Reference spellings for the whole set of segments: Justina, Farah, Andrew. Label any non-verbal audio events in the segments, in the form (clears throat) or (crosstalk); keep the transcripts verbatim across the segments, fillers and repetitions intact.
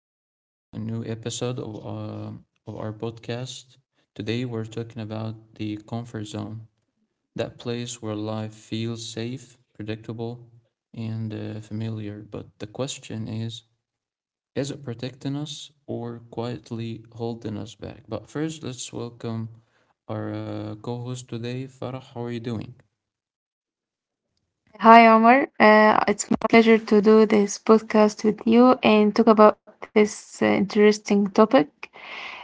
everyone to a new episode of uh, of our podcast. Today we're talking about the comfort zone, that place where life feels safe, predictable, and uh, familiar. But the question is, is it protecting us or quietly holding us back? But first, let's welcome our uh, co-host today, Farah. How are you doing? Hi, Omar. Uh, it's my pleasure to do this podcast with you and talk about this uh, interesting topic,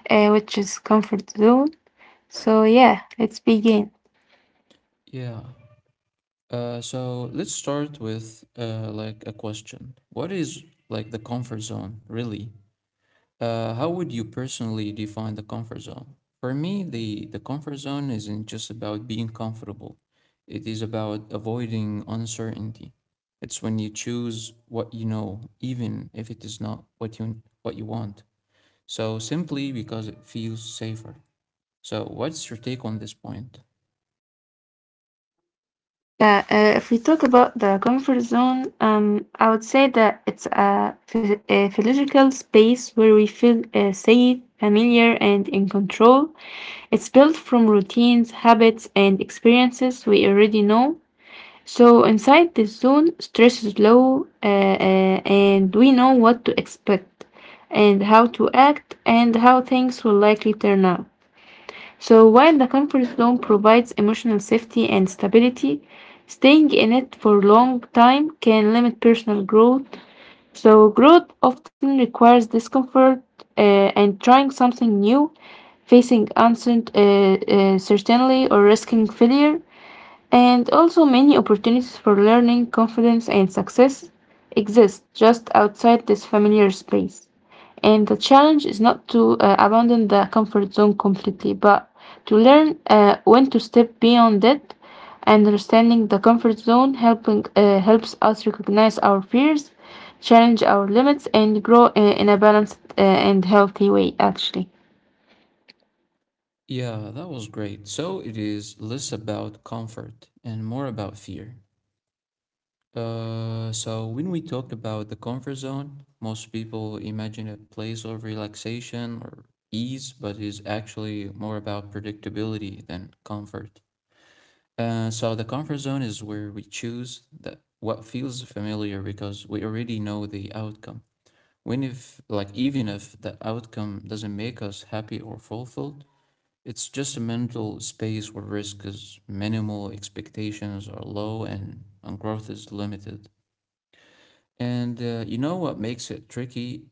uh, which is comfort zone. So, yeah, let's begin. Yeah. Uh, so let's start with uh, like a question. What is like the comfort zone really? Uh, how would you personally define the comfort zone? For me, the, the comfort zone isn't just about being comfortable, it is about avoiding uncertainty. It's when you choose what you know, even if it is not what you, what you want. So simply because it feels safer. So, what's your take on this point? Yeah, uh, if we talk about the comfort zone, um, I would say that it's a, phy- a physiological space where we feel uh, safe, familiar, and in control. It's built from routines, habits, and experiences we already know. So inside this zone, stress is low, uh, uh, and we know what to expect and how to act and how things will likely turn out. So while the comfort zone provides emotional safety and stability, staying in it for a long time can limit personal growth. So growth often requires discomfort uh, and trying something new, facing uncertainty uh, uh, certainly or risking failure. And also, many opportunities for learning, confidence, and success exist just outside this familiar space. And the challenge is not to uh, abandon the comfort zone completely, but to learn uh, when to step beyond it. And understanding the comfort zone helping uh, helps us recognize our fears, challenge our limits, and grow uh, in a balanced uh, and healthy way, actually. Yeah, that was great. So, it is less about comfort and more about fear. Uh, so when we talk about the comfort zone, most people imagine a place of relaxation or ease, but is actually more about predictability than comfort. Uh, so the comfort zone is where we choose the, what feels familiar because we already know the outcome. When if like even if the outcome doesn't make us happy or fulfilled, it's just a mental space where risk is minimal, expectations are low, and, and growth is limited. And uh, you know what makes it tricky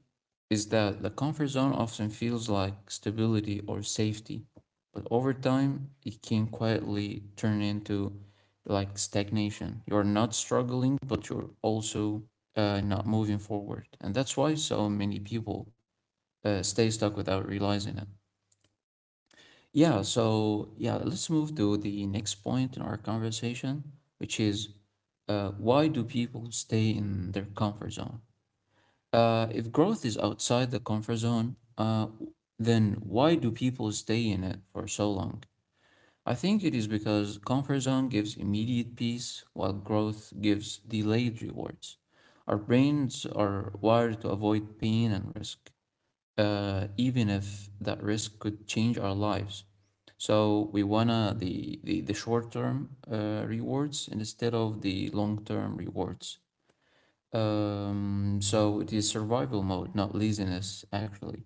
is that the comfort zone often feels like stability or safety, but over time it can quietly turn into like stagnation. You're not struggling, but you're also uh, not moving forward. And that's why so many people uh, stay stuck without realizing it. Yeah, so yeah, let's move to the next point in our conversation, which is uh, why do people stay in their comfort zone? Uh, if growth is outside the comfort zone, uh, then why do people stay in it for so long? I think it is because comfort zone gives immediate peace while growth gives delayed rewards. Our brains are wired to avoid pain and risk, uh, even if that risk could change our lives. So we wanna the, the, the short term uh, rewards instead of the long term rewards. Um, so it is survival mode, not laziness, actually.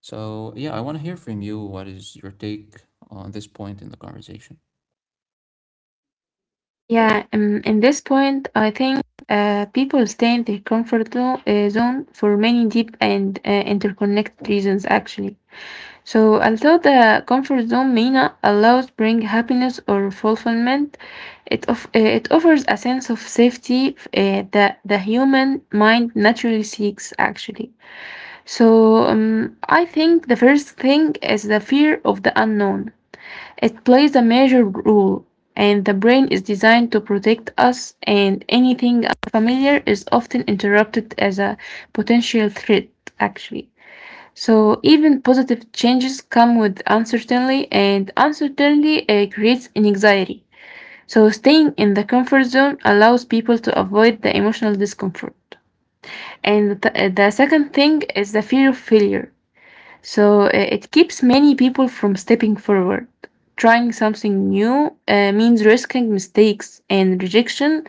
So yeah, I want to hear from you. What is your take on this point in the conversation? Yeah, um, in this point, I think uh, people stay in their comfort zo- uh, zone for many deep and uh, interconnected reasons, actually. So, although the comfort zone may not allow bring happiness or fulfillment, it of, uh, it offers a sense of safety uh, that the human mind naturally seeks, actually. So, um, I think the first thing is the fear of the unknown. It plays a major role, and the brain is designed to protect us, and anything unfamiliar is often interrupted as a potential threat, actually. So, even positive changes come with uncertainty, and uncertainty uh, creates anxiety. So, staying in the comfort zone allows people to avoid the emotional discomfort. And the, the second thing is the fear of failure. So uh, it keeps many people from stepping forward. Trying something new uh, means risking mistakes and rejection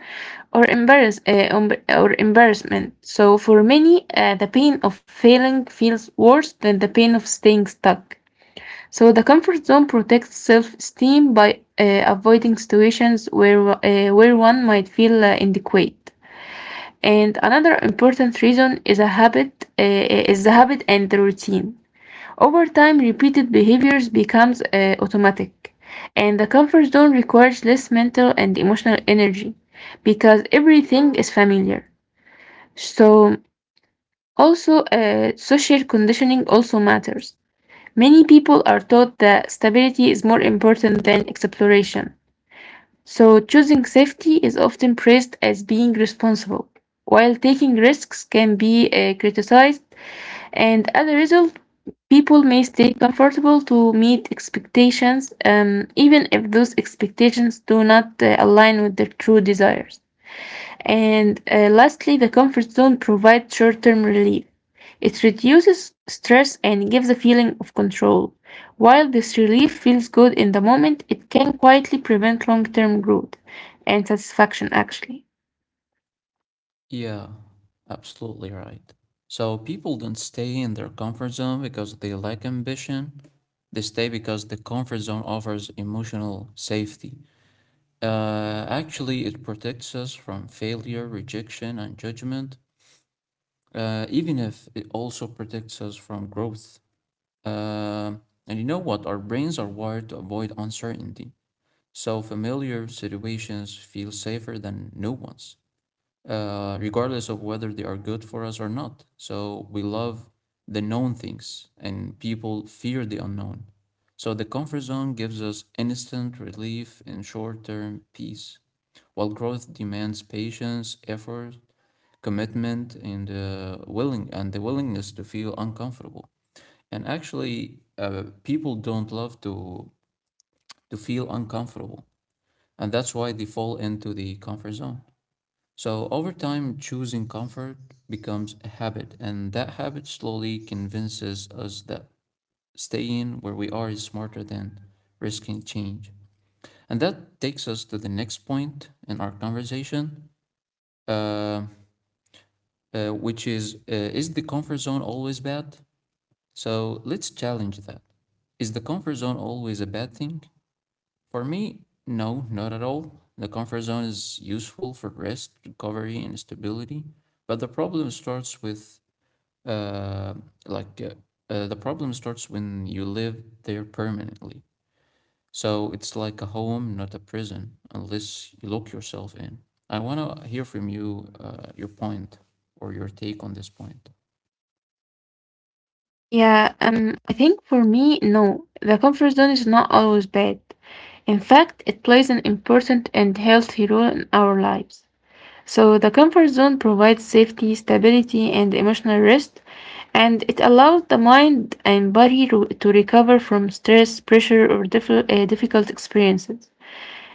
or embarrass uh, um, or embarrassment. So for many, uh, the pain of failing feels worse than the pain of staying stuck. So the comfort zone protects self-esteem by uh, avoiding situations where uh, where one might feel uh, inadequate. And another important reason is a habit uh, is the habit and the routine. Over time, repeated behaviors becomes uh, automatic, and the comfort zone requires less mental and emotional energy because everything is familiar. So, also, uh, social conditioning also matters. Many people are taught that stability is more important than exploration. So, choosing safety is often praised as being responsible, while taking risks can be uh, criticized and as a result, people may stay comfortable to meet expectations, um, even if those expectations do not uh, align with their true desires. And uh, lastly, the comfort zone provides short term relief. It reduces stress and gives a feeling of control. While this relief feels good in the moment, it can quietly prevent long term growth and satisfaction, actually. Yeah, absolutely right. So people don't stay in their comfort zone because they lack ambition. They stay because the comfort zone offers emotional safety. Uh, actually, it protects us from failure, rejection, and judgment, uh, even if it also protects us from growth. Uh, and you know what? Our brains are wired to avoid uncertainty. So familiar situations feel safer than new ones, uh, regardless of whether they are good for us or not. So we love the known things, and people fear the unknown. So the comfort zone gives us instant relief and short term peace, while growth demands patience, effort, commitment, and, uh, willing- and the willingness to feel uncomfortable. And actually, uh, people don't love to to feel uncomfortable, and that's why they fall into the comfort zone. So over time, choosing comfort becomes a habit, and that habit slowly convinces us that staying where we are is smarter than risking change. And that takes us to the next point in our conversation, uh, uh, which is uh, is the comfort zone always bad? So let's challenge that. Is the comfort zone always a bad thing? For me, no, not at all. The comfort zone is useful for rest, recovery, and stability, but the problem starts with uh, like uh, uh, the problem starts when you live there permanently. So it's like a home, not a prison, unless you lock yourself in. I want to hear from you uh, your point or your take on this point. Yeah, um, I think for me, no, the comfort zone is not always bad. In fact, it plays an important and healthy role in our lives. So, the comfort zone provides safety, stability, and emotional rest, and it allows the mind and body ro- to recover from stress, pressure, or diff- uh, difficult experiences.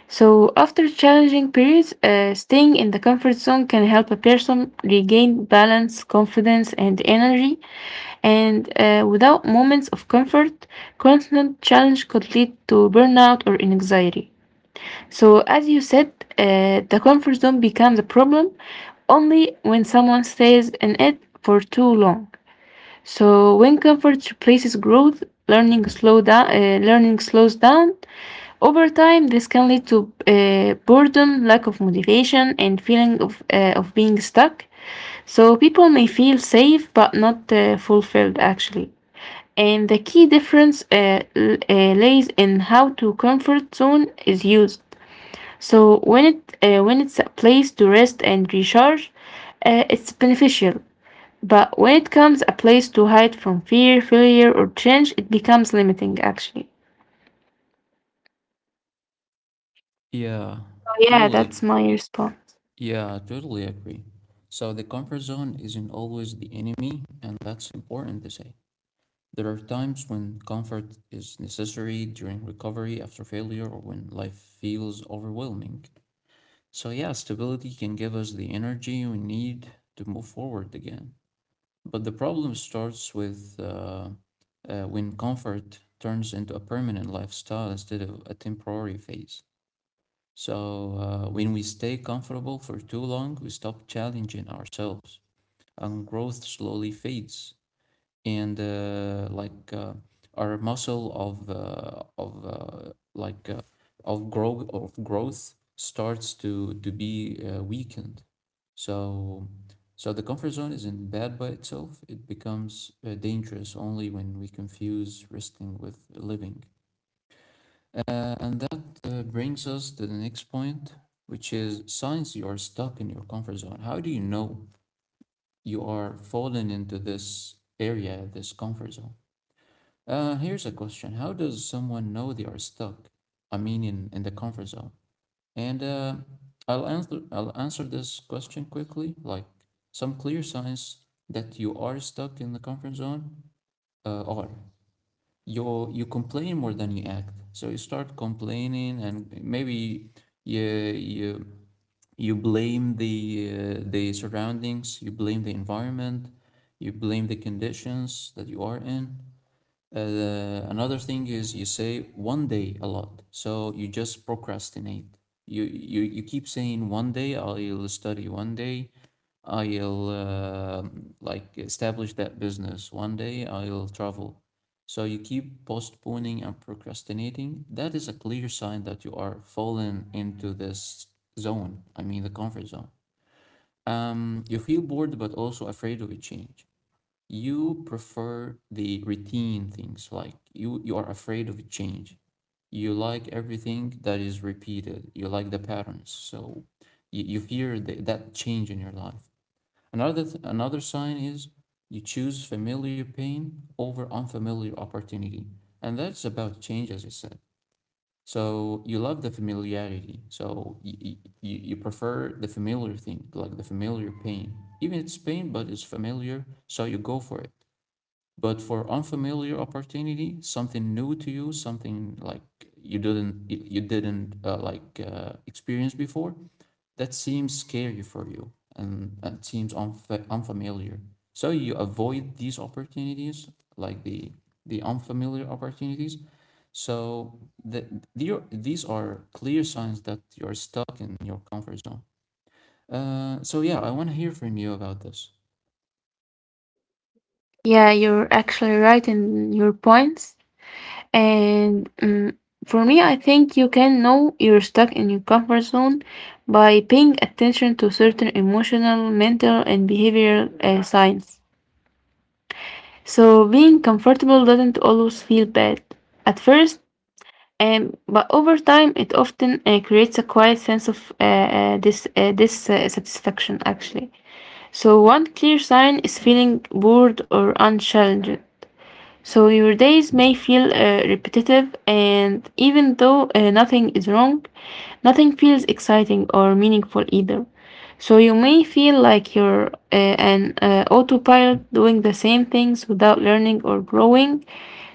So, after challenging periods, uh, staying in the comfort zone can help a person regain balance, confidence, and energy and uh, without moments of comfort, constant challenge could lead to burnout or anxiety. So, as you said, uh, the comfort zone becomes a problem only when someone stays in it for too long. So, when comfort replaces growth, learning slow down, uh, learning slows down. Over time, this can lead to uh, boredom, lack of motivation, and feeling of uh, of being stuck. So people may feel safe but not uh, fulfilled actually. And the key difference uh, l- uh, lays in how to comfort zone is used. So when it uh, when it's a place to rest and recharge, uh, it's beneficial. But when it comes a place to hide from fear, failure, or change, it becomes limiting. Actually, Yeah, so yeah, that's totally. my response. Yeah, totally agree. So the comfort zone isn't always the enemy, and that's important to say. There are times when comfort is necessary during recovery after failure or when life feels overwhelming. So, yeah, stability can give us the energy we need to move forward again. But the problem starts with uh, uh, when comfort turns into a permanent lifestyle instead of a temporary phase. So, uh, when we stay comfortable for too long, we stop challenging ourselves and growth slowly fades and uh, like uh, our muscle of uh, of uh, like uh, of grow of growth starts to to be uh, weakened. So so the comfort zone isn't bad by itself. It becomes uh, dangerous only when we confuse resting with living. Uh, and that uh, brings us to the next point, which is signs you are stuck in your comfort zone. How do you know you are falling into this area, this comfort zone? Uh, here's a question. How does someone know they are stuck? I mean, in, in the comfort zone. And uh, I'll answer I'll answer this question quickly. Like some clear signs that you are stuck in the comfort zone uh, are: you you complain more than you act. So you start complaining, and maybe you you you blame the uh, the surroundings, you blame the environment, you blame the conditions that you are in. Uh, another thing is you say one day a lot, so you just procrastinate. You you you keep saying one day I'll study, one day I'll uh, like establish that business, one day I'll travel. So you keep postponing and procrastinating. That is a clear sign that you are falling into this zone. I mean the comfort zone. Um, you feel bored but also afraid of a change. You prefer the routine things, like you you are afraid of change. You like everything that is repeated, you like the patterns, so you, you fear the, that change in your life. Another th- another sign is you choose familiar pain over unfamiliar opportunity, and that's about change, as I said. So you love the familiarity, so you, you, you prefer the familiar thing, like the familiar pain. Even it's pain but it's familiar, so you go for it. But for unfamiliar opportunity, something new to you, something like you didn't you didn't uh, like uh, experience before, that seems scary for you and, and seems unfa- unfamiliar. So you avoid these opportunities, like the the unfamiliar opportunities. So the, the, these are clear signs that you're stuck in your comfort zone. Uh, so yeah, I want to hear from you about this. Yeah, you're actually right in your points. And mm, for me, I think you can know you're stuck in your comfort zone by paying attention to certain emotional, mental, and behavioral uh, signs. So being comfortable doesn't always feel bad at first, um, but over time, it often uh, creates a quiet sense of uh, uh, this uh, this uh, satisfaction actually. So one clear sign is feeling bored or unchallenged. So your days may feel uh, repetitive, and even though uh, nothing is wrong, nothing feels exciting or meaningful either. So you may feel like you're uh, an uh, autopilot doing the same things without learning or growing.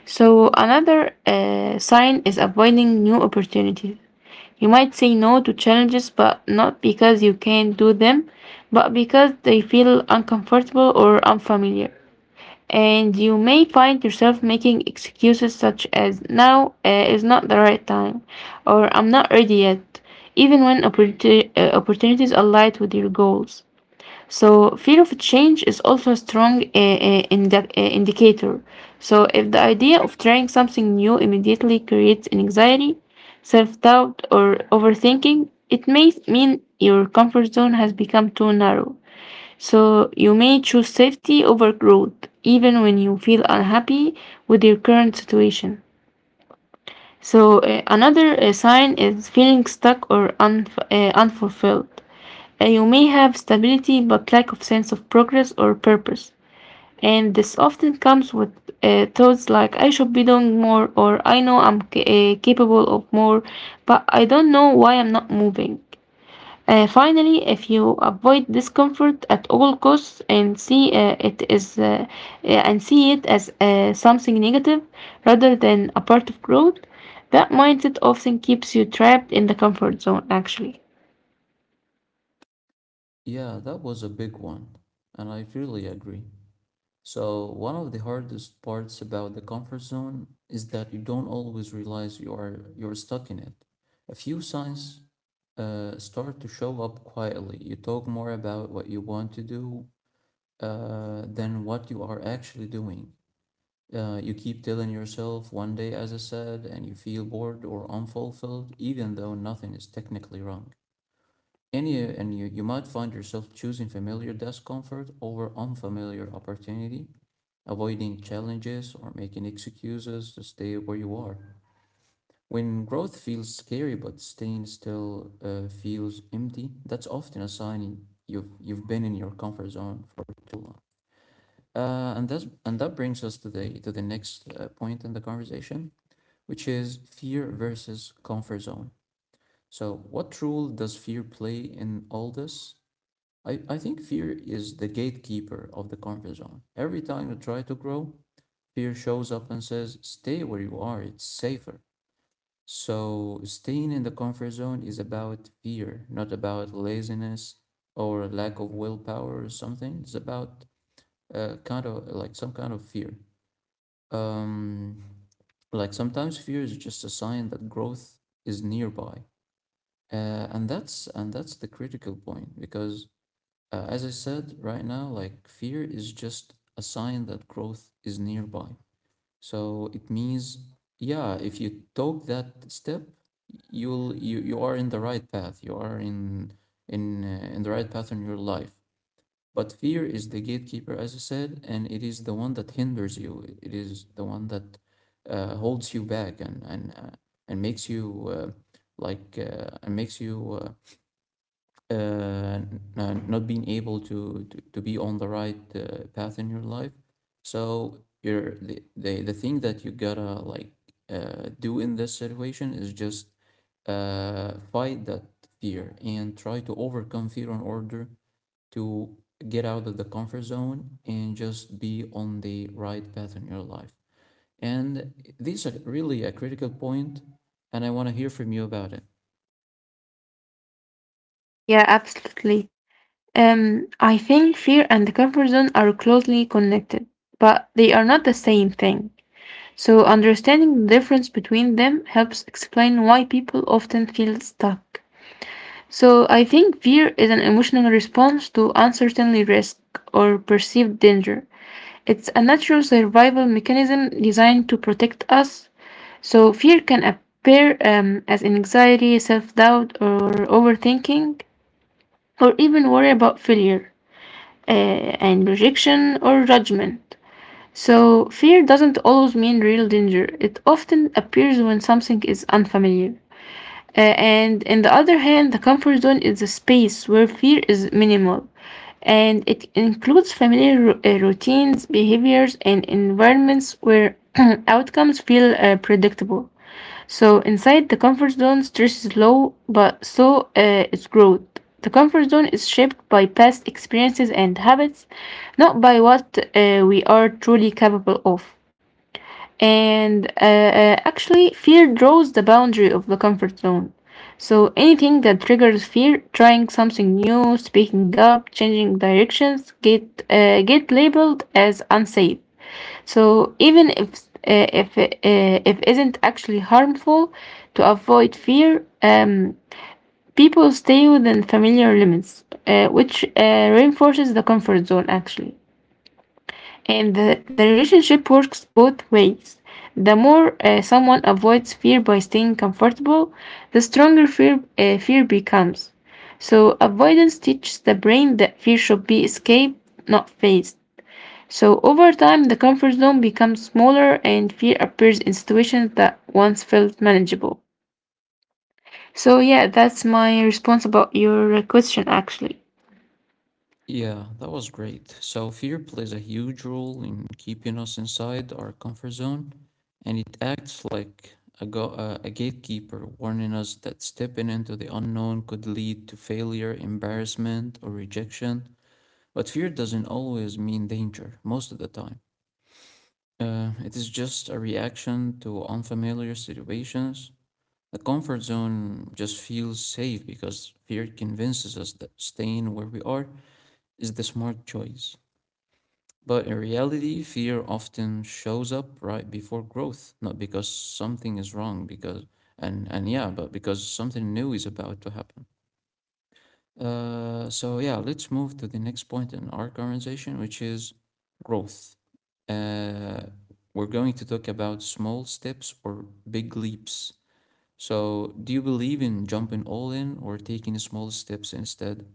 So another uh, sign is avoiding new opportunities. You might say no to challenges, but not because you can't do them, but because they feel uncomfortable or unfamiliar and you may find yourself making excuses such as now uh, is not the right time or I'm not ready yet, even when opportu- uh, opportunities aligned with your goals. So, fear of change is also a strong uh, uh, indi- uh, indicator. So, if the idea of trying something new immediately creates an anxiety, self doubt, or overthinking, it may mean your comfort zone has become too narrow. So you may choose safety over growth, even when you feel unhappy with your current situation. So uh, another uh, sign is feeling stuck or unf- uh, unfulfilled. Uh, you may have stability but lack of sense of progress or purpose. And this often comes with uh, thoughts like I should be doing more or I know I'm ca- uh, capable of more, but I don't know why I'm not moving. Uh, finally, if you avoid discomfort at all costs and see uh, it is uh, uh, and see it as uh, something negative rather than a part of growth, that mindset often keeps you trapped in the comfort zone, actually. Yeah, that was a big one, and I really agree. So, one of the hardest parts about the comfort zone is that you don't always realize you are you're stuck in it. A few signs uh, start to show up quietly. You talk more about what you want to do uh, than what you are actually doing. Uh, you keep telling yourself one day, as I said, and you feel bored or unfulfilled, even though nothing is technically wrong. And you, and you, you might find yourself choosing familiar discomfort over unfamiliar opportunity, avoiding challenges or making excuses to stay where you are. When growth feels scary but staying still uh, feels empty, that's often a sign you've you've been in your comfort zone for too long. Uh, and that's and that brings us to the to the next uh, point in the conversation, which is fear versus comfort zone. So, what role does fear play in all this? I, I think fear is the gatekeeper of the comfort zone. Every time you try to grow, fear shows up and says, stay where you are, it's safer. So, staying in the comfort zone is about fear, not about laziness or lack of willpower or something. It's about uh, kind of like some kind of fear. Um, like sometimes fear is just a sign that growth is nearby. Uh, and that's and that's the critical point because uh, as I said right now, like fear is just a sign that growth is nearby. So it means, yeah, if you took that step, you'll you you are in the right path. You are in in uh, in the right path in your life. But fear is the gatekeeper, as I said, and it is the one that hinders you. It it is the one that uh, holds you back and and uh, and makes you uh, like uh, and makes you uh, uh, n- not being able to, to, to be on the right uh, path in your life. So you're the, the the thing that you gotta like uh, do in this situation is just uh, fight that fear and try to overcome fear in order to get out of the comfort zone and just be on the right path in your life. And this is really a critical point, and I want to hear from you about it. Yeah, absolutely. Um, I think fear and the comfort zone are closely connected, but they are not the same thing. So, understanding the difference between them helps explain why people often feel stuck. So I think fear is an emotional response to uncertainty, risk, or perceived danger. It's a natural survival mechanism designed to protect us. So fear can appear um, as anxiety, self-doubt, or overthinking, or even worry about failure uh, and rejection or judgment. So fear doesn't always mean real danger. It often appears when something is unfamiliar. Uh, and on the other hand, the comfort zone is a space where fear is minimal, and it includes familiar ru- uh, routines, behaviors, and environments where (clears throat) outcomes feel uh, predictable. So, inside the comfort zone, stress is low, but so uh, is growth. The comfort zone is shaped by past experiences and habits, not by what uh, we are truly capable of. And uh, uh, actually, fear draws the boundary of the comfort zone. So anything that triggers fear, trying something new, speaking up, changing directions, get uh, get labeled as unsafe. So even if uh, if uh, if isn't actually harmful, to avoid fear, um, people stay within familiar limits, uh, which uh, reinforces the comfort zone actually. And the, the relationship works both ways. The more uh, someone avoids fear by staying comfortable, the stronger fear, uh, fear becomes. So, avoidance teaches the brain that fear should be escaped, not faced. So, over time, the comfort zone becomes smaller and fear appears in situations that once felt manageable. So, yeah, that's my response about your question actually. Yeah, that was great. So, fear plays a huge role in keeping us inside our comfort zone, and it acts like a, go- uh, a gatekeeper, warning us that stepping into the unknown could lead to failure, embarrassment, or rejection. But fear doesn't always mean danger, most of the time. Uh, it is just a reaction to unfamiliar situations. The comfort zone just feels safe because fear convinces us that staying where we are is the smart choice. But in reality, fear often shows up right before growth, not because something is wrong, because and and yeah, but because something new is about to happen. Uh, so yeah, let's move to the next point in our conversation, which is growth. Uh, we're going to talk about small steps or big leaps. So, do you believe in jumping all in or taking small steps instead?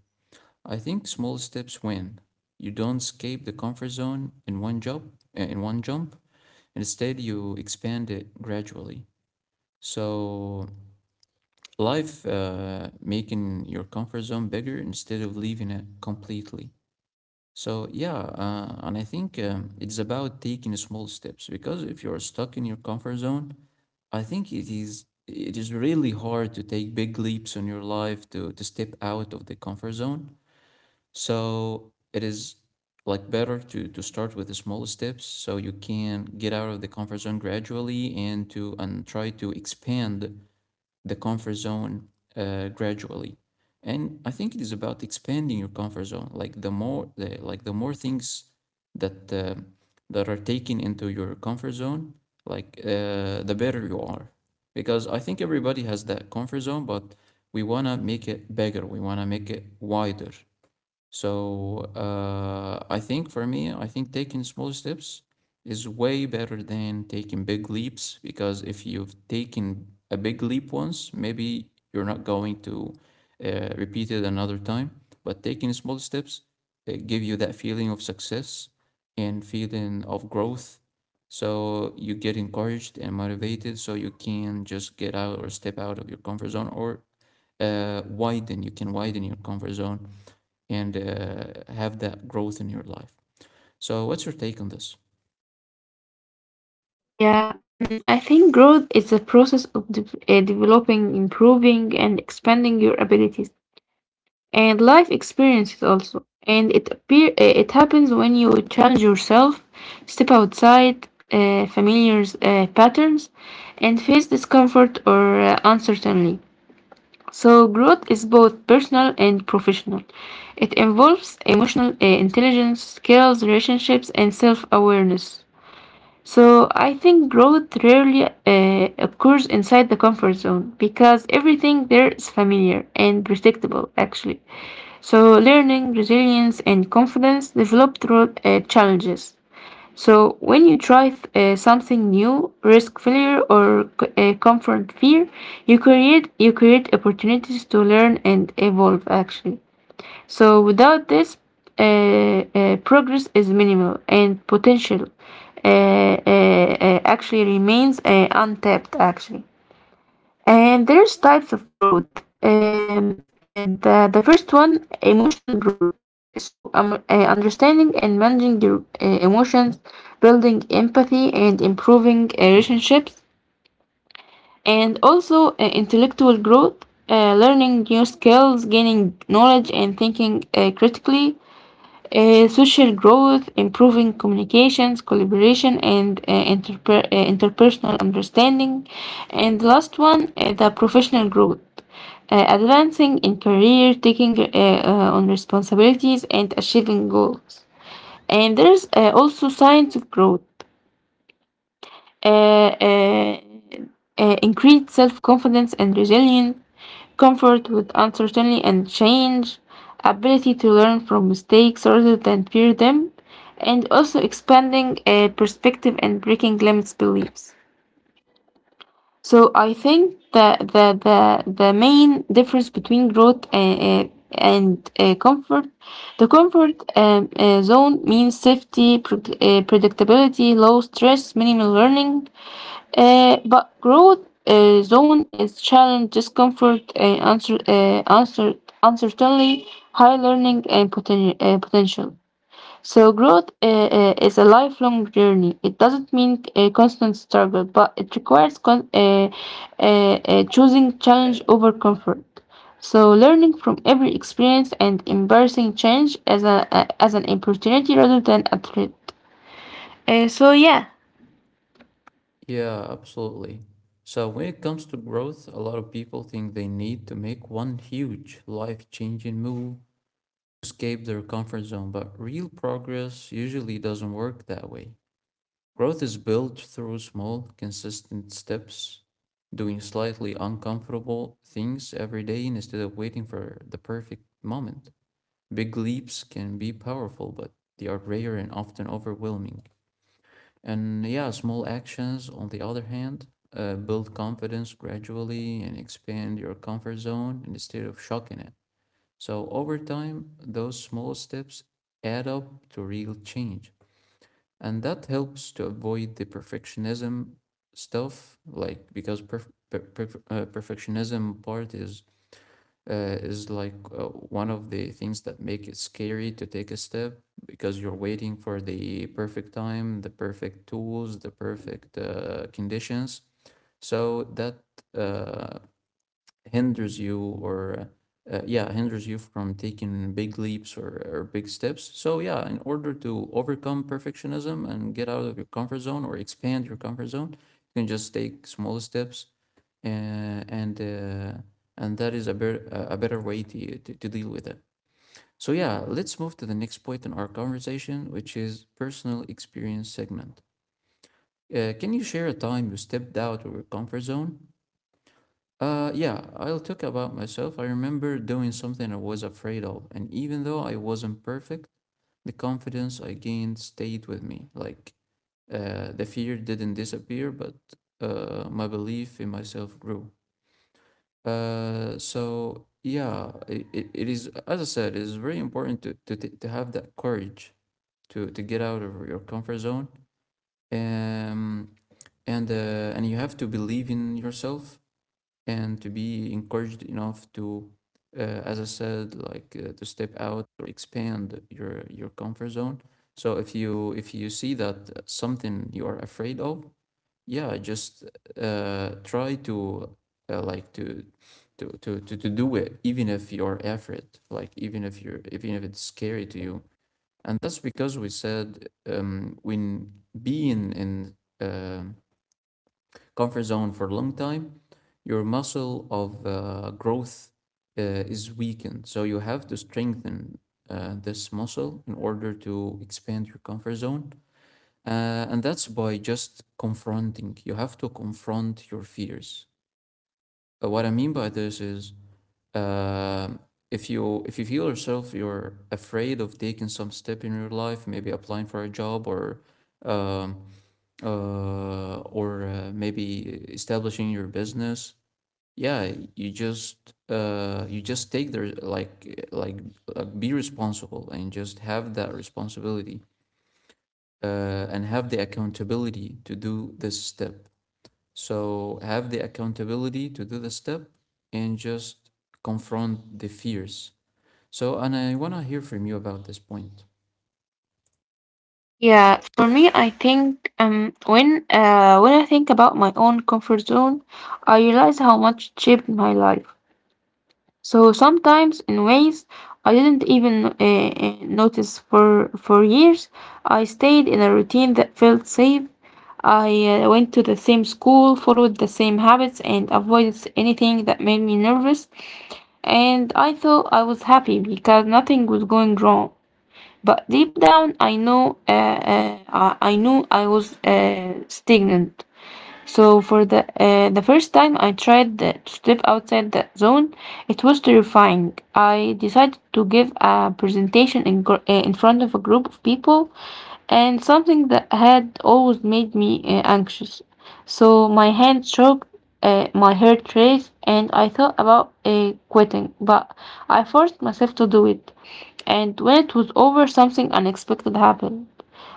I think small steps win. You don't escape the comfort zone in one job, uh, in one jump. Instead, you expand it gradually. So life uh, making your comfort zone bigger instead of leaving it completely. So yeah, uh, and I think um, it's about taking small steps because if you're stuck in your comfort zone, I think it is it is really hard to take big leaps in your life to to step out of the comfort zone, so it is like better to to start with the small steps so you can get out of the comfort zone gradually and to and try to expand the comfort zone uh, gradually. And I think it is about expanding your comfort zone. Like the more the like the more things that uh, that are taken into your comfort zone, like uh, the better you are. Because I think everybody has that comfort zone, but we wanna make it bigger. We wanna make it wider, so uh, I think for me, I think taking small steps is way better than taking big leaps because if you've taken a big leap once, maybe you're not going to uh, repeat it another time. But taking small steps uh, give you that feeling of success and feeling of growth. So you get encouraged and motivated, so you can just get out or step out of your comfort zone or uh, widen. You can widen your comfort zone and uh, have that growth in your life. So, what's your take on this? Yeah, mm, I think growth is a process of de- uh, developing, improving, and expanding your abilities and life experiences also. And it appear uh, it happens when you challenge yourself, step outside uh, familiar uh, patterns, and face discomfort or uh, uncertainty. So growth is both personal and professional. It involves emotional uh, intelligence, skills, relationships, and self-awareness. So I think growth rarely uh, occurs inside the comfort zone because everything there is familiar and predictable, actually. So learning, resilience, and confidence develop through uh, challenges. So when you try th- uh, something new, risk failure or c- uh, comfort fear, you create you create opportunities to learn and evolve actually. So without this, uh, uh, progress is minimal and potential uh, uh, uh, actually remains uh, untapped actually. And there's types of growth. Um, and uh, The first one, emotional growth. So um, uh, understanding and managing your uh, emotions, building empathy and improving uh, relationships, and also uh, intellectual growth, uh, learning new skills, gaining knowledge, and thinking uh, critically uh, social growth, improving communications, collaboration, and uh, interper- uh, interpersonal understanding. And the last one, uh, the professional growth, uh, advancing in career, taking uh, uh, on responsibilities, and achieving goals. And there's uh, also science of growth uh, uh, uh, increased self-confidence and resilience, comfort with uncertainty and change, ability to learn from mistakes rather than fear them, and also expanding uh, perspective and breaking limits beliefs. So I think that the, the, the main difference between growth and, and uh, comfort, the comfort um, uh, zone means safety, predict- uh, predictability, low stress, minimal learning, uh, but growth uh, zone is challenge, discomfort, uh, answer, uh, answer, uncertainty, high learning, and poten- uh, potential. So growth uh, uh, is a lifelong journey. It doesn't mean a constant struggle, but it requires con- uh, uh, uh, choosing challenge over comfort. So learning from every experience and embracing change as a, a- as an opportunity rather than a threat. Uh, so yeah. Yeah, absolutely. So, when it comes to growth, a lot of people think they need to make one huge life changing move to escape their comfort zone, but real progress usually doesn't work that way. Growth is built through small, consistent steps, doing slightly uncomfortable things every day instead of waiting for the perfect moment. Big leaps can be powerful, but they are rare and often overwhelming. And yeah, small actions, on the other hand, uh, build confidence gradually and expand your comfort zone instead of shocking it. So over time, those small steps add up to real change. And that helps to avoid the perfectionism stuff, like because perf- per- per- uh, perfectionism part is uh, is like uh, one of the things that make it scary to take a step because you're waiting for the perfect time, the perfect tools, the perfect uh, conditions. So that uh, hinders you or uh, yeah hinders you from taking big leaps or, or big steps. So yeah, in order to overcome perfectionism and get out of your comfort zone or expand your comfort zone, you can just take small steps uh, and uh, and that is a, better a a better way to, to, to deal with it. So yeah, let's move to the next point in our conversation, which is personal experience segment. Uh, can you share a time you stepped out of your comfort zone? Uh, yeah, I'll talk about myself. I remember doing something I was afraid of, and even though I wasn't perfect, the confidence I gained stayed with me. Like, uh, the fear didn't disappear, but uh, my belief in myself grew. Uh, so yeah, it, it, it is, as I said, it is very important to, to, t- to have that courage to, to get out of your comfort zone. Um, and, uh, and you have to believe in yourself and to be encouraged enough to uh, as I said, like uh, to step out or expand your your comfort zone. So if you if you see that something you are afraid of, yeah, just uh, try to uh, like to to, to, to to do it even if you're afraid, like even if you're, even if it's scary to you. And that's because we said um, when being in um comfort zone for a long time, your muscle of uh, growth uh, is weakened. So you have to strengthen uh, this muscle in order to expand your comfort zone. Uh, and that's by just confronting. You have to confront your fears. Uh, what I mean by this is uh, if you if you feel yourself you're afraid of taking some step in your life, maybe applying for a job or um, uh, or uh, maybe establishing your business, yeah you just uh you just take their like like uh, be responsible and just have that responsibility uh and have the accountability to do this step. So have the accountability to do the step and just confront the fears. So, and I want to hear from you about this point. Yeah, for me, I think um when uh when I think about my own comfort zone, I realize how much it shaped my life. So sometimes in ways I didn't even uh, uh, notice for for years, I stayed in a routine that felt safe. I uh, went to the same school, followed the same habits, and avoided anything that made me nervous. And I thought I was happy because nothing was going wrong. But deep down, I know, uh, uh, I I knew I was uh, stagnant. So for the uh, the first time I tried uh, to step outside the zone, it was terrifying. I decided to give a presentation in gr- uh, in front of a group of people, and something that had always made me uh, anxious. So my hands shook, uh, my heart raced, and I thought about uh, quitting, but I forced myself to do it. And when it was over, something unexpected happened.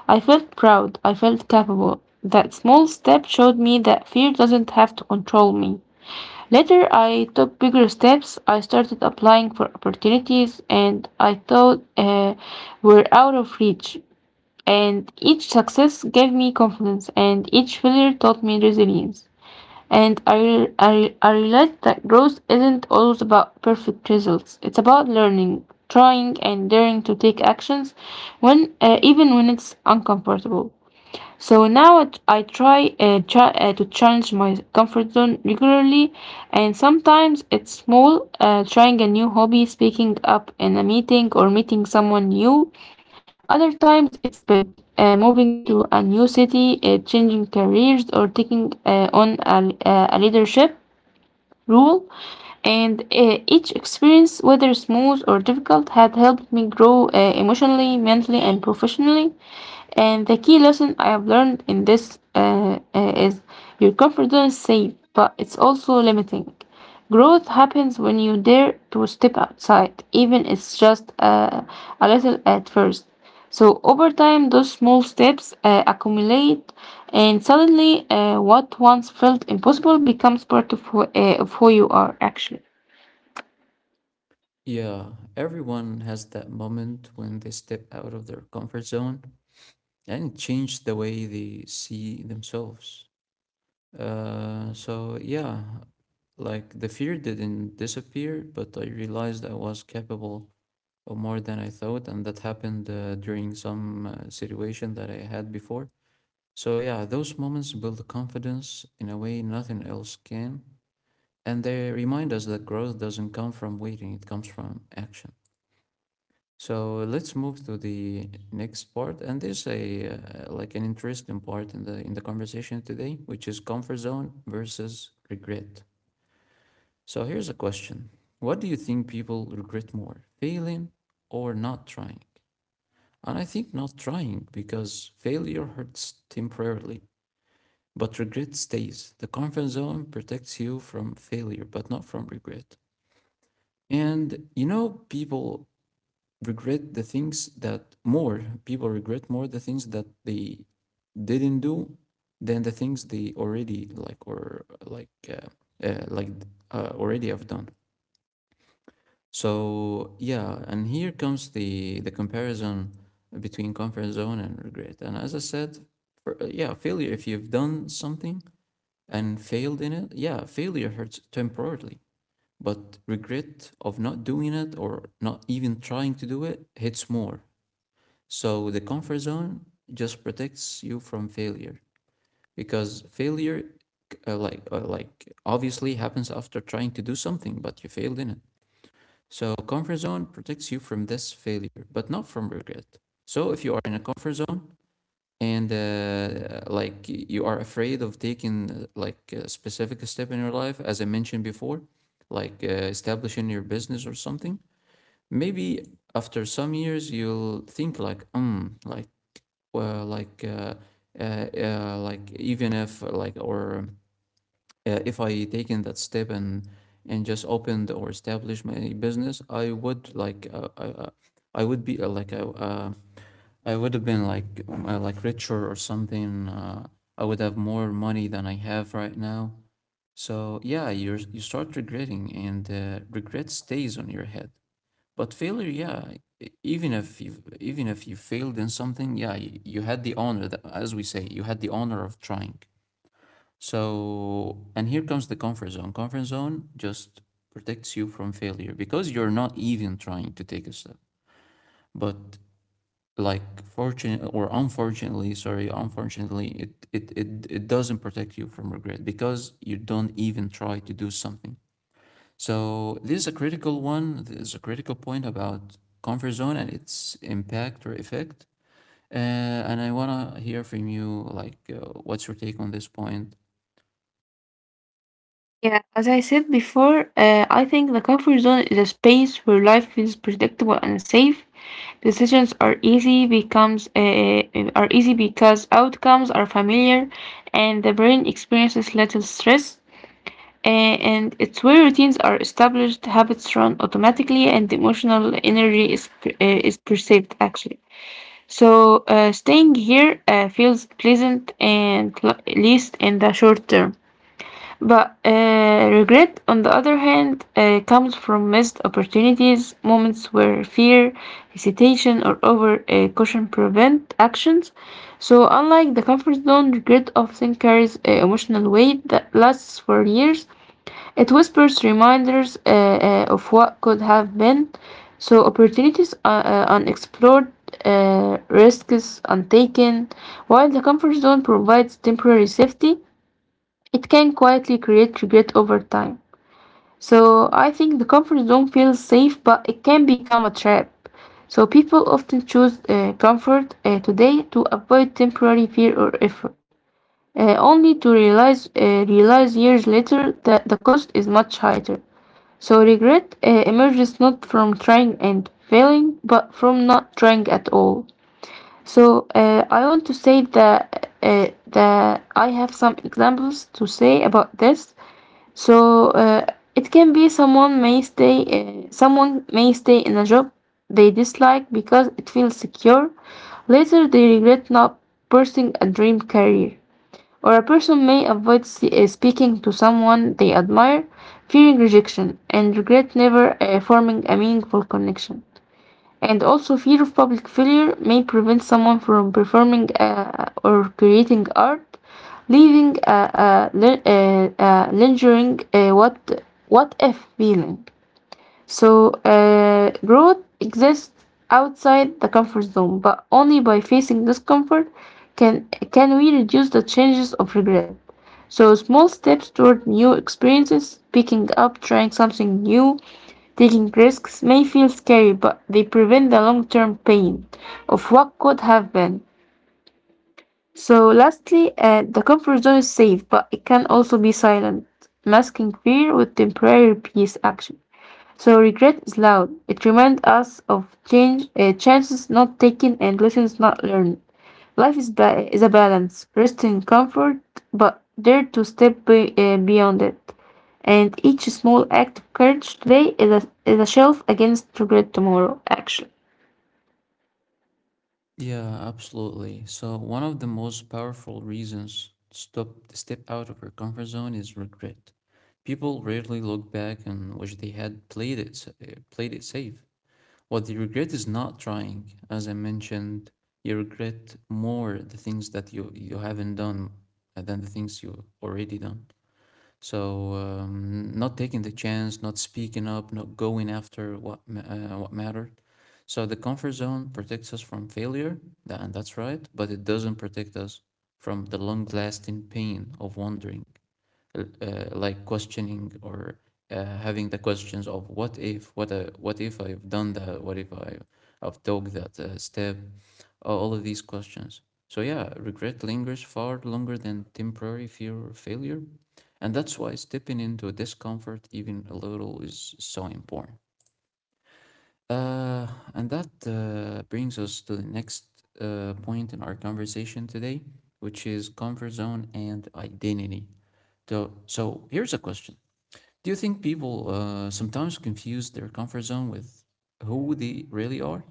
I felt proud, I felt capable. That small step showed me that fear doesn't have to control me. Later, I took bigger steps. I started applying for opportunities and I thought uh, were out of reach. And each success gave me confidence, and each failure taught me resilience. And I, I, I realized that growth isn't always about perfect results. It's about learning, trying, and daring to take actions when uh, even when it's uncomfortable. So now it- I try uh, cha- uh, to challenge my comfort zone regularly, and sometimes it's small, uh, trying a new hobby, speaking up in a meeting, or meeting someone new. Other times it's big, uh, moving to a new city, uh, changing careers, or taking uh, on a, a leadership role. And uh, each experience, whether smooth or difficult, had helped me grow uh, emotionally, mentally, and professionally. And the key lesson I have learned in this uh, uh, is your comfort zone is safe, but it's also limiting. Growth happens when you dare to step outside, even it's just uh, a little at first. So over time, those small steps uh, accumulate, and suddenly, uh, what once felt impossible becomes part of who, uh, of who you are actually. Yeah, everyone has that moment when they step out of their comfort zone and change the way they see themselves. Uh, so yeah, like the fear didn't disappear, but I realized I was capable of more than I thought, and that happened uh, during some uh, situation that I had before. So yeah, those moments build confidence in a way nothing else can, and they remind us that growth doesn't come from waiting, it comes from action. So let's move to the next part, and this a uh, like an interesting part in the in the conversation today, which is comfort zone versus regret. So here's a question. What do you think people regret more, failing or not trying? And I think not trying, because failure hurts temporarily, but regret stays. The comfort zone protects you from failure, but not from regret. And you know, people regret the things that more, people regret more the things that they didn't do than the things they already like, or like uh, uh, like uh, already have done. So yeah, and here comes the the comparison between comfort zone and regret. And as I said, for, uh, yeah, failure. If you've done something and failed in it, yeah, failure hurts temporarily. But regret of not doing it or not even trying to do it hits more. So the comfort zone just protects you from failure, because failure, uh, like uh, like obviously happens after trying to do something, but you failed in it. So, comfort zone protects you from this failure, but not from regret. So, if you are in a comfort zone and uh, like you are afraid of taking uh, like a specific step in your life, as I mentioned before, like uh, establishing your business or something, maybe after some years you'll think like, um, like, well, like, uh, uh, uh, like even if like or uh, if I taken that step and and just opened or established my business, I would like uh, I uh, I would be uh, like a, uh, I would have been like um, uh, like richer or something. Uh, I would have more money than I have right now. So yeah, you you start regretting, and uh, regret stays on your head. But failure, yeah, e- even if you even if you failed in something, yeah, you, you had the honor that, as we say, you had the honor of trying. So, and here comes the comfort zone. Comfort zone just protects you from failure because you're not even trying to take a step. But like fortunate or unfortunately, sorry, unfortunately, it it it, it doesn't protect you from regret because you don't even try to do something. So this is a critical one. This is a critical point about comfort zone and its impact or effect. Uh, and I wanna hear from you, like, uh, what's your take on this point? Yeah, as I said before, uh, I think the comfort zone is a space where life feels predictable and safe. Decisions are easy becomes uh, uh, are easy because outcomes are familiar, and the brain experiences little stress. Uh, and it's where routines are established, habits run automatically, and emotional energy is per- uh, is perceived actually. So uh, staying here uh, feels pleasant and l- at least in the short term. But uh, regret, on the other hand, uh, comes from missed opportunities, moments where fear, hesitation, or over uh, caution prevent actions. So, unlike the comfort zone, regret often carries uh, emotional weight that lasts for years. It whispers reminders uh, uh, of what could have been. So, opportunities are uh, unexplored, uh, risks untaken, while the comfort zone provides temporary safety it can quietly create regret over time. So I think the comfort zone feels safe, but it can become a trap. So people often choose uh, comfort uh, today to avoid temporary fear or effort, uh, only to realize uh, realize years later that the cost is much higher. So regret uh, emerges not from trying and failing, but from not trying at all. So uh, I want to say that uh, that I have some examples to say about this. So uh, it can be someone may stay, uh, someone may stay in a job they dislike because it feels secure. Later, they regret not pursuing a dream career. Or a person may avoid se- uh, speaking to someone they admire, fearing rejection, and regret never uh, forming a meaningful connection. And also, fear of public failure may prevent someone from performing uh, or creating art, leaving a, a, li- a, a lingering uh, what, what if feeling. So, uh, growth exists outside the comfort zone, but only by facing discomfort can can we reduce the changes of regret. So, small steps toward new experiences, picking up, trying something new, taking risks may feel scary, but they prevent the long term pain of what could have been. So, lastly, uh, the comfort zone is safe, but it can also be silent, masking fear with temporary peace action. So regret is loud. It reminds us of change, uh, chances not taken and lessons not learned. Life is, ba- is a balance, rest in comfort, but dare to step be- uh, beyond it. And each small act of courage today is a, is a shelf against regret tomorrow, Action. Yeah, absolutely. So one of the most powerful reasons to stop to step out of your comfort zone is regret. People rarely look back and wish they had played it sa- uh, played it safe. What they regret is not trying. As I mentioned, you regret more the things that you you haven't done uh, than the things you already done. So um, not taking the chance, not speaking up, not going after what ma- uh, what mattered. So the comfort zone protects us from failure, tha- and that's right, but it doesn't protect us from the long-lasting pain of wandering, uh, like questioning, or uh, having the questions of what if, what uh, what if I've done that, what if I, I've took that uh, step, all of these questions. So yeah, regret lingers far longer than temporary fear or failure, and that's why stepping into discomfort even a little is so important. Uh, and that uh, brings us to the next uh, point in our conversation today, which is comfort zone and identity. So, so here's a question. Do you think people uh, sometimes confuse their comfort zone with who they really are?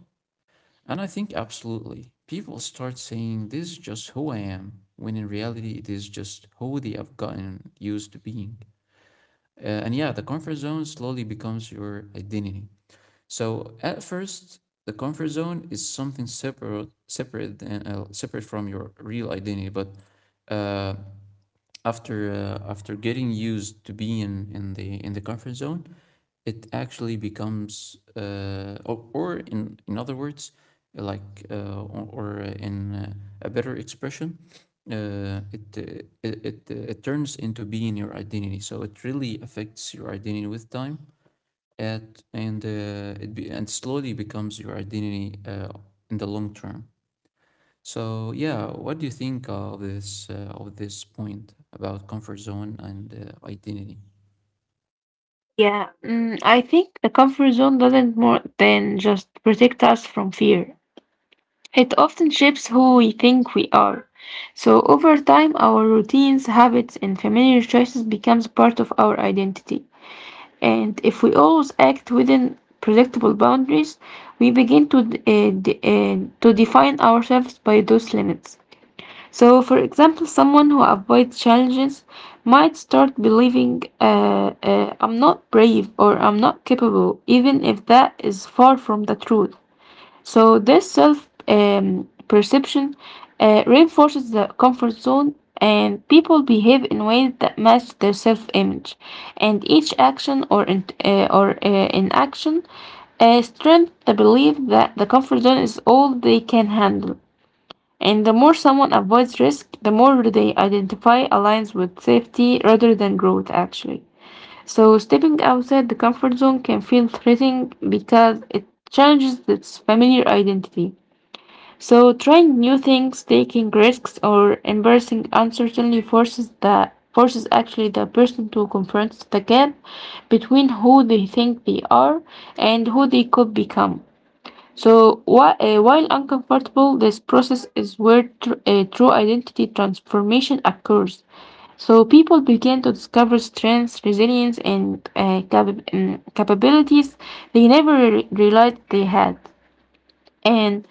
And I think absolutely. People start saying, this is just who I am, when in reality, it is just who they have gotten used to being. Uh, and yeah, the comfort zone slowly becomes your identity. So at first, the comfort zone is something separate, separate and uh, separate from your real identity. But uh, after uh, after getting used to being in the in the comfort zone, it actually becomes, uh, or, or in in other words, like uh, or, or in uh, a better expression, uh, it, uh, it it uh, it turns into being your identity. So it really affects your identity with time, it and uh, it be, and slowly becomes your identity uh, in the long term. So yeah, what do you think of this uh, of this point about comfort zone and uh, identity? Yeah, mm, I think the comfort zone doesn't more than just protect us from fear. It often shapes who we think we are. So over time, our routines, habits, and familiar choices becomes part of our identity. And if we always act within predictable boundaries, we begin to d- uh, d- uh, to define ourselves by those limits. So, for example, someone who avoids challenges might start believing, uh, uh, "I'm not brave" or "I'm not capable," even if that is far from the truth. So this self um, perception uh, reinforces the comfort zone, and people behave in ways that match their self-image. And each action or in, uh, or uh, inaction uh, strengthens the belief that the comfort zone is all they can handle. And the more someone avoids risk, the more they identify aligns with safety rather than growth, actually. So stepping outside the comfort zone can feel threatening because it challenges its familiar identity. So, trying new things, taking risks, or embracing uncertainty forces the forces actually the person to confront the gap between who they think they are and who they could become. So, whi- uh, while uncomfortable, this process is where tr- uh, true identity transformation occurs. So people begin to discover strengths, resilience, and uh, cap- um, capabilities they never re- realized they had. And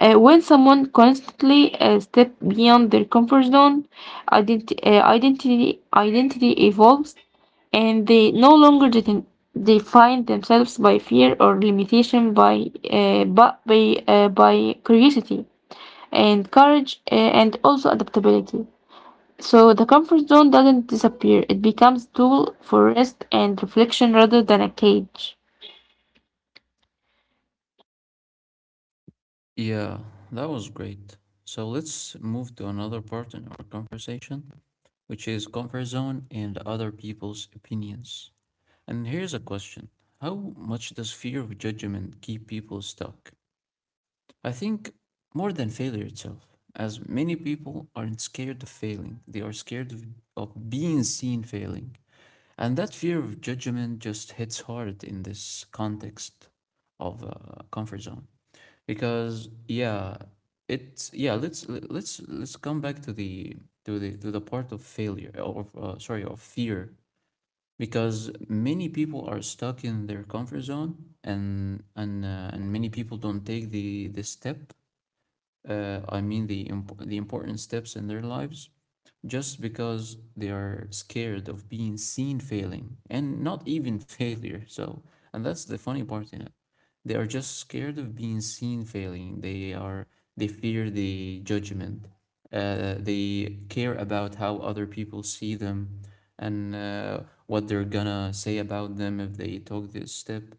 uh, when someone constantly uh, step beyond their comfort zone, identi- uh, identity identity evolves, and they no longer de- define themselves by fear or limitation, by uh, but by uh, by curiosity and courage uh, and also adaptability. So the comfort zone doesn't disappear; it becomes a tool for rest and reflection rather than a cage. Yeah, that was great. So let's move to another part in our conversation, which is comfort zone and other people's opinions. And here's a question: how much does fear of judgment keep people stuck? I think more than failure itself, as many people aren't scared of failing, they are scared of, of being seen failing. And that fear of judgment just hits hard in this context of uh, comfort zone. Because yeah, it's yeah, let's let's let's come back to the to the to the part of failure or uh, sorry, of fear, because many people are stuck in their comfort zone and and uh, and many people don't take the the step, uh, I mean the imp- the important steps in their lives, just because they are scared of being seen failing and not even failure. So, and that's the funny part in it. They are just scared of being seen failing. They are they fear the judgment. Uh, they care about how other people see them and uh, what they're gonna say about them if they took this step.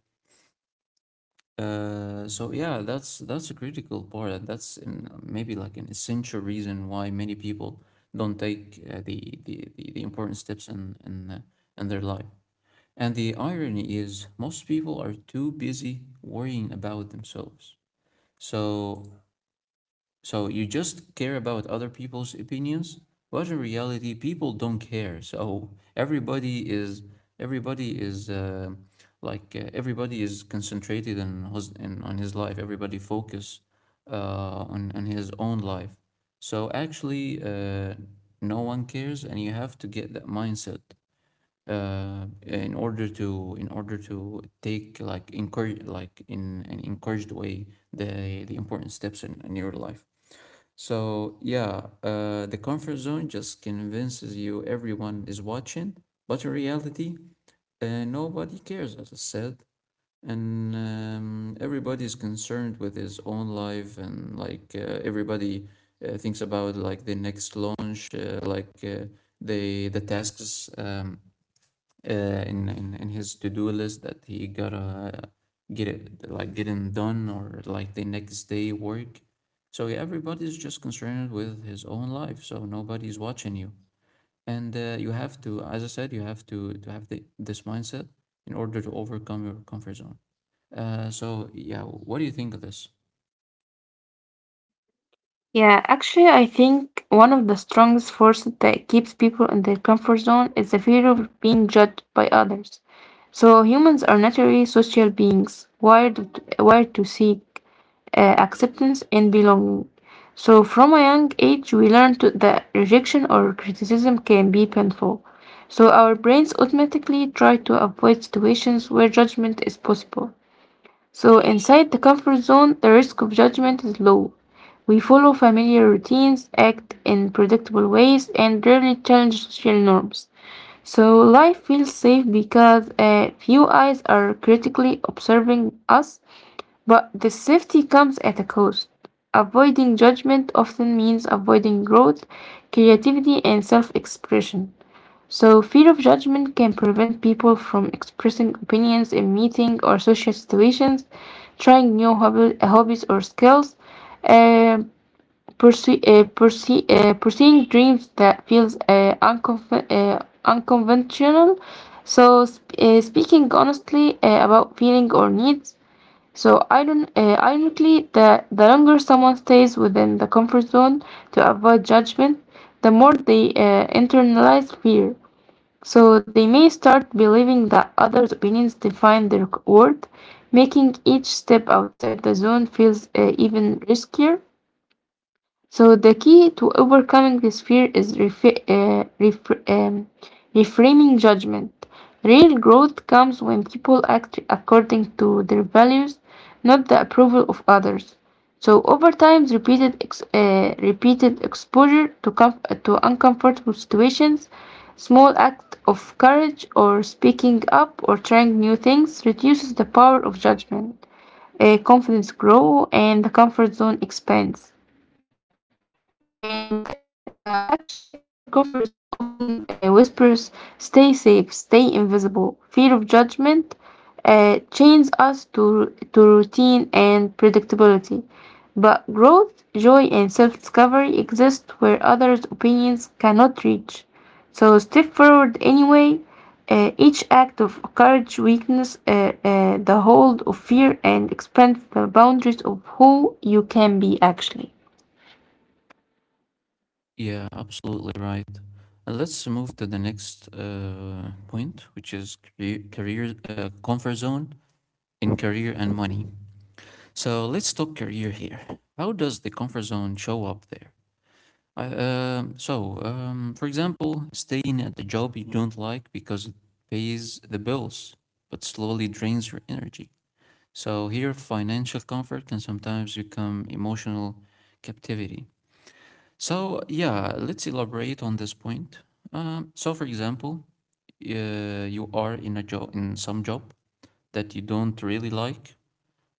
Uh, so yeah, that's that's a critical part, and that's an, maybe like an essential reason why many people don't take uh, the, the the the important steps in in uh, in their life. And the irony is, most people are too busy worrying about themselves. So so you just care about other people's opinions, but in reality, people don't care. So everybody is everybody is uh, like uh, everybody is concentrated in, his, in on his life. Everybody focus uh, on on his own life. So actually, uh, no one cares, and you have to get that mindset uh, in order to in order to take like encourage like in an encouraged way the the important steps in, in your life. So, yeah, uh, the comfort zone just convinces you everyone is watching, but in reality, uh, nobody cares, as I said, and um, everybody is concerned with his own life, and like uh, everybody uh, thinks about like the next launch, uh, like uh, the the tasks um, uh, in, in in his to-do list that he gotta get it like getting done or like the next day work. So yeah, everybody's just concerned with his own life, so nobody's watching you. And uh, you have to, as I said, you have to to have the, this mindset in order to overcome your comfort zone. Uh, so yeah, what do you think of this? Yeah, actually, I think one of the strongest forces that keeps people in their comfort zone is the fear of being judged by others. So humans are naturally social beings, wired to, wired to seek uh, acceptance and belonging. So from a young age, we learn to, that rejection or criticism can be painful. So our brains automatically try to avoid situations where judgment is possible. So, inside the comfort zone, the risk of judgment is low. We follow familiar routines, act in predictable ways, and rarely challenge social norms. So, life feels safe because uh, few eyes are critically observing us, but the safety comes at a cost. Avoiding judgment often means avoiding growth, creativity, and self expression. So, fear of judgment can prevent people from expressing opinions in meeting or social situations, trying new hobby, hobbies or skills, uh, pursue, uh, pursue, uh, pursuing dreams that feels uh, unconf- uh, unconventional. So, sp- uh, speaking honestly uh, about feeling or needs. So, iron, uh, ironically, the, the longer someone stays within the comfort zone to avoid judgment, the more they uh, internalize fear. So they may start believing that others' opinions define their worth, making each step outside the zone feels uh, even riskier. So the key to overcoming this fear is refi- uh, refr- um, reframing judgment. Real growth comes when people act according to their values, not the approval of others. So over time, repeated ex- uh, repeated exposure to com- to uncomfortable situations, small act of courage or speaking up or trying new things reduces the power of judgment. Uh, confidence grow and the comfort zone expands. And uh, uh, actually, our comfort zone often uh, whispers stay safe, stay invisible. Fear of judgment uh, chains us to, to routine and predictability. But growth, joy, and self discovery exist where others' opinions cannot reach. So step forward anyway. Uh, each act of courage weakness uh, uh, the hold of fear and expand the boundaries of who you can be actually. Yeah, absolutely right. And let's move to the next uh, point, which is career, career uh, comfort zone in career and money. So let's talk career here. How does the comfort zone show up there? I, um, so, um, for example, staying at the job you don't like because it pays the bills, but slowly drains your energy. So here, financial comfort can sometimes become emotional captivity. So yeah, let's elaborate on this point. Um, so, for example, uh, you are in a job, in some job that you don't really like,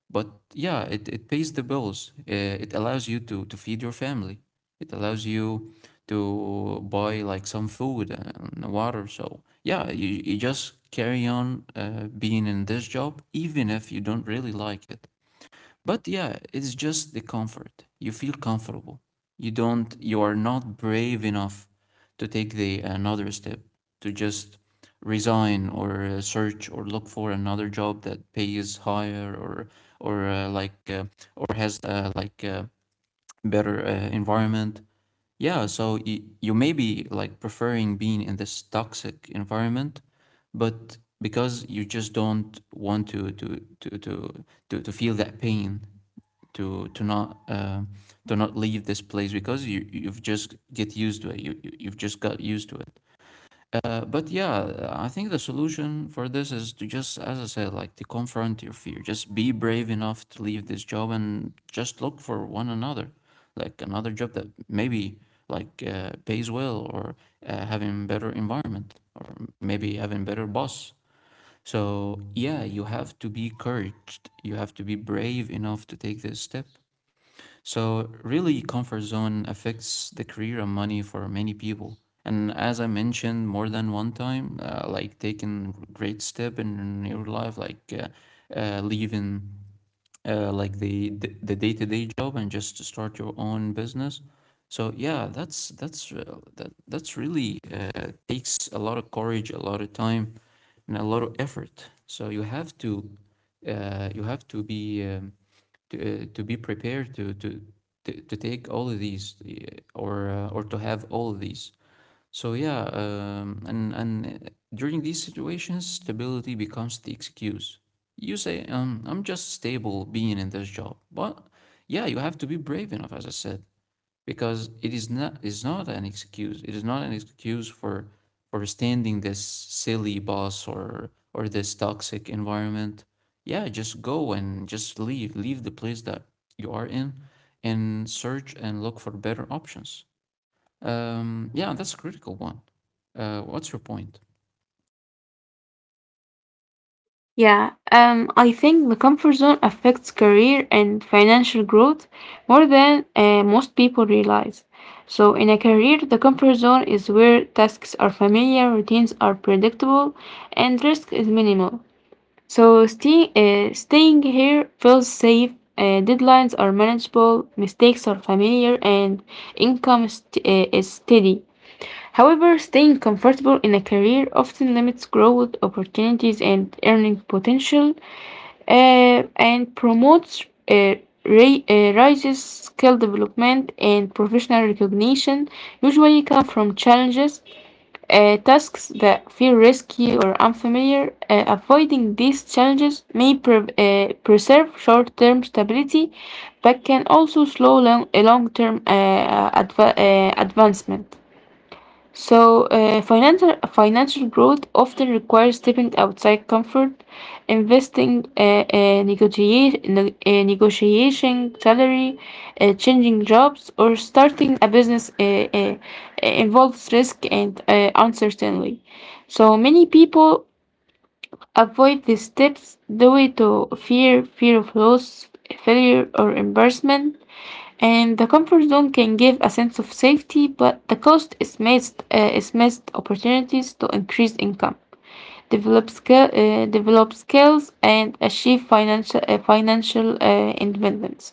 but yeah, it, it pays the bills. Uh, It allows you to, to feed your family. It allows you to buy like some food and water. So yeah, you, you just carry on uh, being in this job, even if you don't really like it. But yeah, it's just the comfort. You feel comfortable. You don't, you are not brave enough to take the another step, to just resign, or uh, search or look for another job that pays higher, or or uh, like uh, or has uh, like uh, better uh, environment. Yeah, so you, you may be like preferring being in this toxic environment, but because you just don't want to to to to to, to feel that pain, to to not uh, to not leave this place because you you've just get used to it. You you- you've just got used to it. Uh, but yeah, I think the solution for this is to just, as I said, like to confront your fear. Just be brave enough to leave this job and just look for one another, like another job that maybe like uh, pays well, or uh, having better environment, maybe having better boss. So yeah, you have to be courage. You have to be brave enough to take this step, so, really, comfort zone affects the career and money for many people. And as I mentioned more than one time, uh, like taking great step in your life, like uh, uh, leaving uh, like the the the day-to-day job, and just to start your own business. So yeah, that's that's uh, that that's really uh, takes a lot of courage, a lot of time, and a lot of effort. So you have to uh, you have to be. Um, to, uh, to be prepared to, to, to, to take all of these uh, or, uh, or to have all of these. So yeah, um, and, and uh, during these situations, stability becomes the excuse. You say, um, I'm just stable being in this job. But yeah, you have to be brave enough, as I said, because it is not, is not an excuse. It is not an excuse for for standing this silly boss or or this toxic environment. Yeah, just go and just leave, leave the place that you are in, and search and look for better options. Um, yeah, that's a critical one. Uh, what's your point? Yeah, um, I think the comfort zone affects career and financial growth more than uh, most people realize. So, in a career, the comfort zone is where tasks are familiar, routines are predictable, and risk is minimal. So, stay, uh, staying here feels safe, uh, deadlines are manageable, mistakes are familiar, and income st- uh, is steady. However, staying comfortable in a career often limits growth opportunities and earning potential, uh, and promotes uh, ra- uh, raises skill development and professional recognition usually come from challenges, uh, tasks that feel risky or unfamiliar. Uh, avoiding these challenges may pre- uh, preserve short-term stability but can also slow long- eh, long-term uh, adva- uh, advancement. So, uh, financial financial growth often requires stepping outside comfort, investing, uh, uh, negotiate, ne- uh, negotiating salary, uh, changing jobs, or starting a business uh, uh, uh, involves risk and uh, uncertainty. So many people avoid these steps due to fear, fear of loss, failure, or embarrassment. And the comfort zone can give a sense of safety, but the cost is missed, uh, is missed opportunities to increase income, develop, skill, uh, develop skills, and achieve financial, uh, financial uh, independence.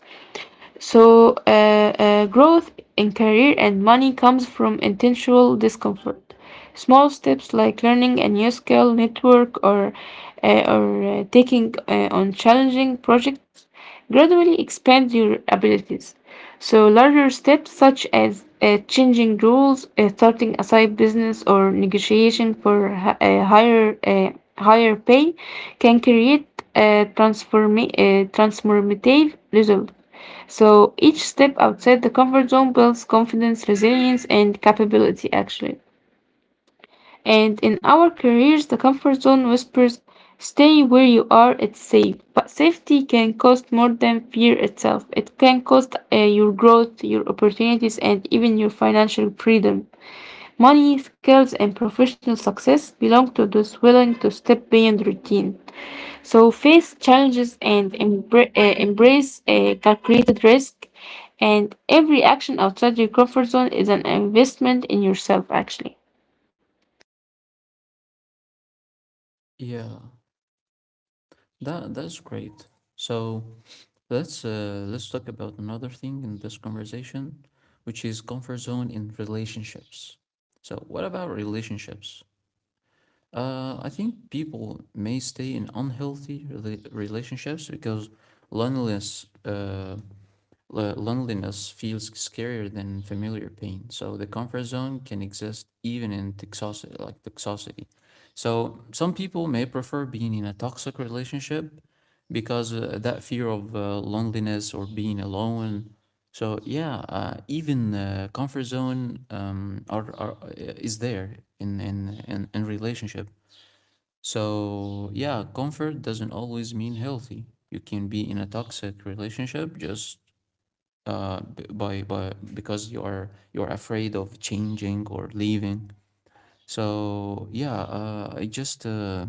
So, uh, uh, growth in career and money comes from intentional discomfort. Small steps like learning a new skill, network, or uh, or uh, taking uh, on challenging projects gradually expand your abilities. So, larger steps such as uh, changing rules, uh, starting a side business, or negotiation for hi- a higher uh, higher pay can create a transformi- uh, transformative result. So each step outside the comfort zone builds confidence, resilience, and capability, actually. And in our careers, the comfort zone whispers, stay where you are, it's safe. But safety can cost more than fear itself. It can cost uh, your growth, your opportunities, and even your financial freedom. Money, skills, and professional success belong to those willing to step beyond routine. So face challenges and embra- uh, embrace a calculated risk. And every action outside your comfort zone is an investment in yourself, actually. Yeah, that that's great. So let's uh, let's talk about another thing in this conversation, which is comfort zone in relationships. So, what about relationships? Uh, I think people may stay in unhealthy rela- relationships because loneliness uh, loneliness feels scarier than familiar pain. So the comfort zone can exist even in toxicity, like toxicity. So some people may prefer being in a toxic relationship because uh, that fear of uh, loneliness or being alone. So yeah, uh, even uh, comfort zone um, are, are uh, is there in in in, in relationship. So, yeah, comfort doesn't always mean healthy. You can be in a toxic relationship just uh, b- by by because you are you are afraid of changing or leaving. So yeah, uh, I just uh,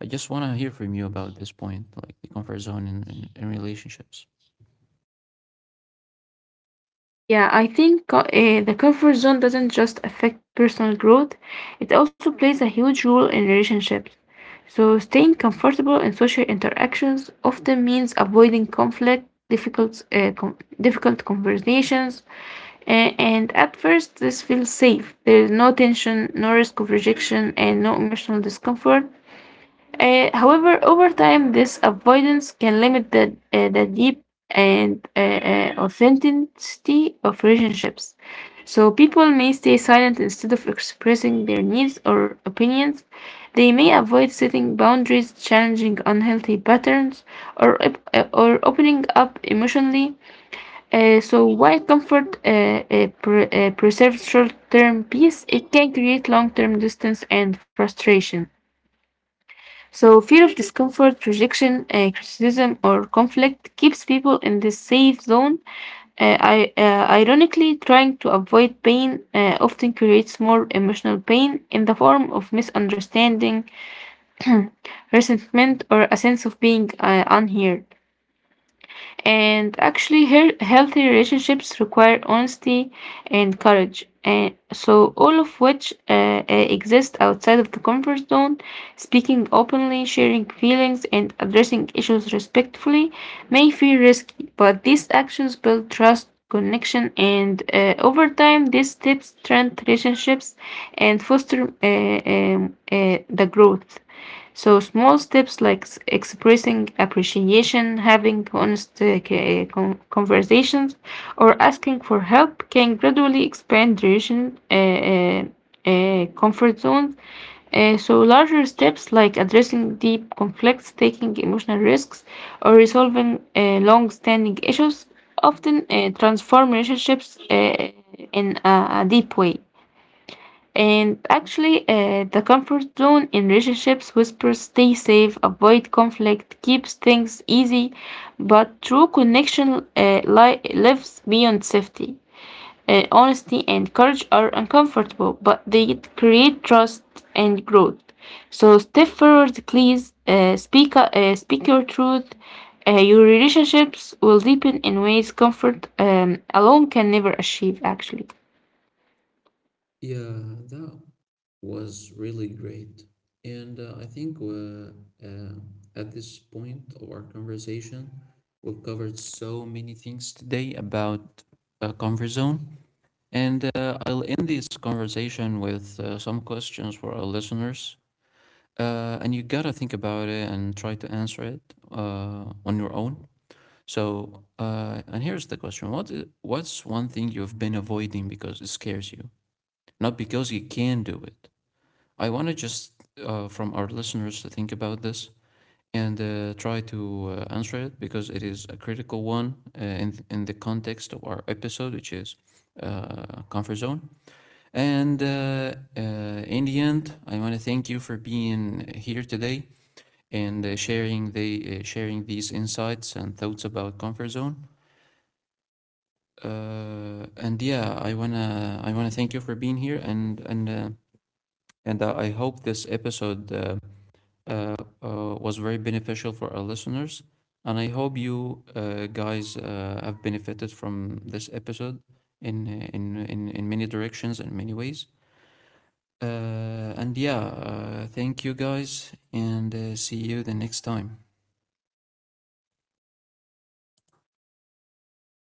I just want to hear from you about this point, like the comfort zone in, in, in relationships. Yeah, I think uh, eh, the comfort zone doesn't just affect personal growth, it also plays a huge role in relationships. So, staying comfortable in social interactions often means avoiding conflict, difficult, uh, com- difficult conversations, uh, and at first, this feels safe. There is no tension, no risk of rejection, and no emotional discomfort. Uh, however, over time, this avoidance can limit the, uh, the deep and uh, uh, authenticity of relationships. So, people may stay silent instead of expressing their needs or opinions. They may avoid setting boundaries, challenging unhealthy patterns, or, op- uh, or opening up emotionally. Uh, so, while comfort uh, uh, pre- uh, preserves short term peace, it can create long term distance and frustration. So, fear of discomfort, rejection, uh, criticism, or conflict keeps people in this safe zone. Uh, I, uh, ironically, trying to avoid pain uh, often creates more emotional pain in the form of misunderstanding, resentment, or a sense of being uh, unheard. And actually, her- healthy relationships require honesty and courage. And so, all of which uh, uh, exist outside of the comfort zone, speaking openly, sharing feelings, and addressing issues respectfully may feel risky, but these actions build trust, connection, and uh, over time, these steps strengthen relationships and foster uh, um, uh, the growth. So small steps like s- expressing appreciation, having honest uh, c- uh, con- conversations, or asking for help can gradually expand duration uh, uh, uh, comfort zones. Uh, so larger steps like addressing deep conflicts, taking emotional risks, or resolving uh, long-standing issues often uh, transform relationships uh, in a, a deep way. And actually, uh, the comfort zone in relationships whispers stay safe, avoid conflict, keeps things easy, but true connection uh, li- lives beyond safety. Uh, honesty and courage are uncomfortable, but they create trust and growth. So step forward, please. Uh, speak, uh, speak your truth. Uh, your relationships will deepen in ways comfort um, alone can never achieve, actually. Yeah, that was really great. And uh, I think uh, uh, at this point of our conversation, we've covered so many things today about uh, comfort zone. And uh, I'll end this conversation with uh, some questions for our listeners. Uh, and you gotta think about it and try to answer it uh, on your own. So, uh, and here's the question: What i- what's one thing you've been avoiding because it scares you, not because you can do it? I want to just uh, from our listeners to think about this and uh, try to uh, answer it, because it is a critical one uh, in in the context of our episode, which is uh, comfort zone. And uh, uh, in the end, I want to thank you for being here today and uh, sharing the uh, sharing these insights and thoughts about comfort zone. Uh, and yeah, I wanna I wanna thank you for being here, and and uh, and uh, I hope this episode uh, uh, uh, was very beneficial for our listeners. And I hope you uh, guys uh, have benefited from this episode in uh, in in in many directions and many ways. Uh, and yeah, uh, thank you guys, and uh, see you the next time.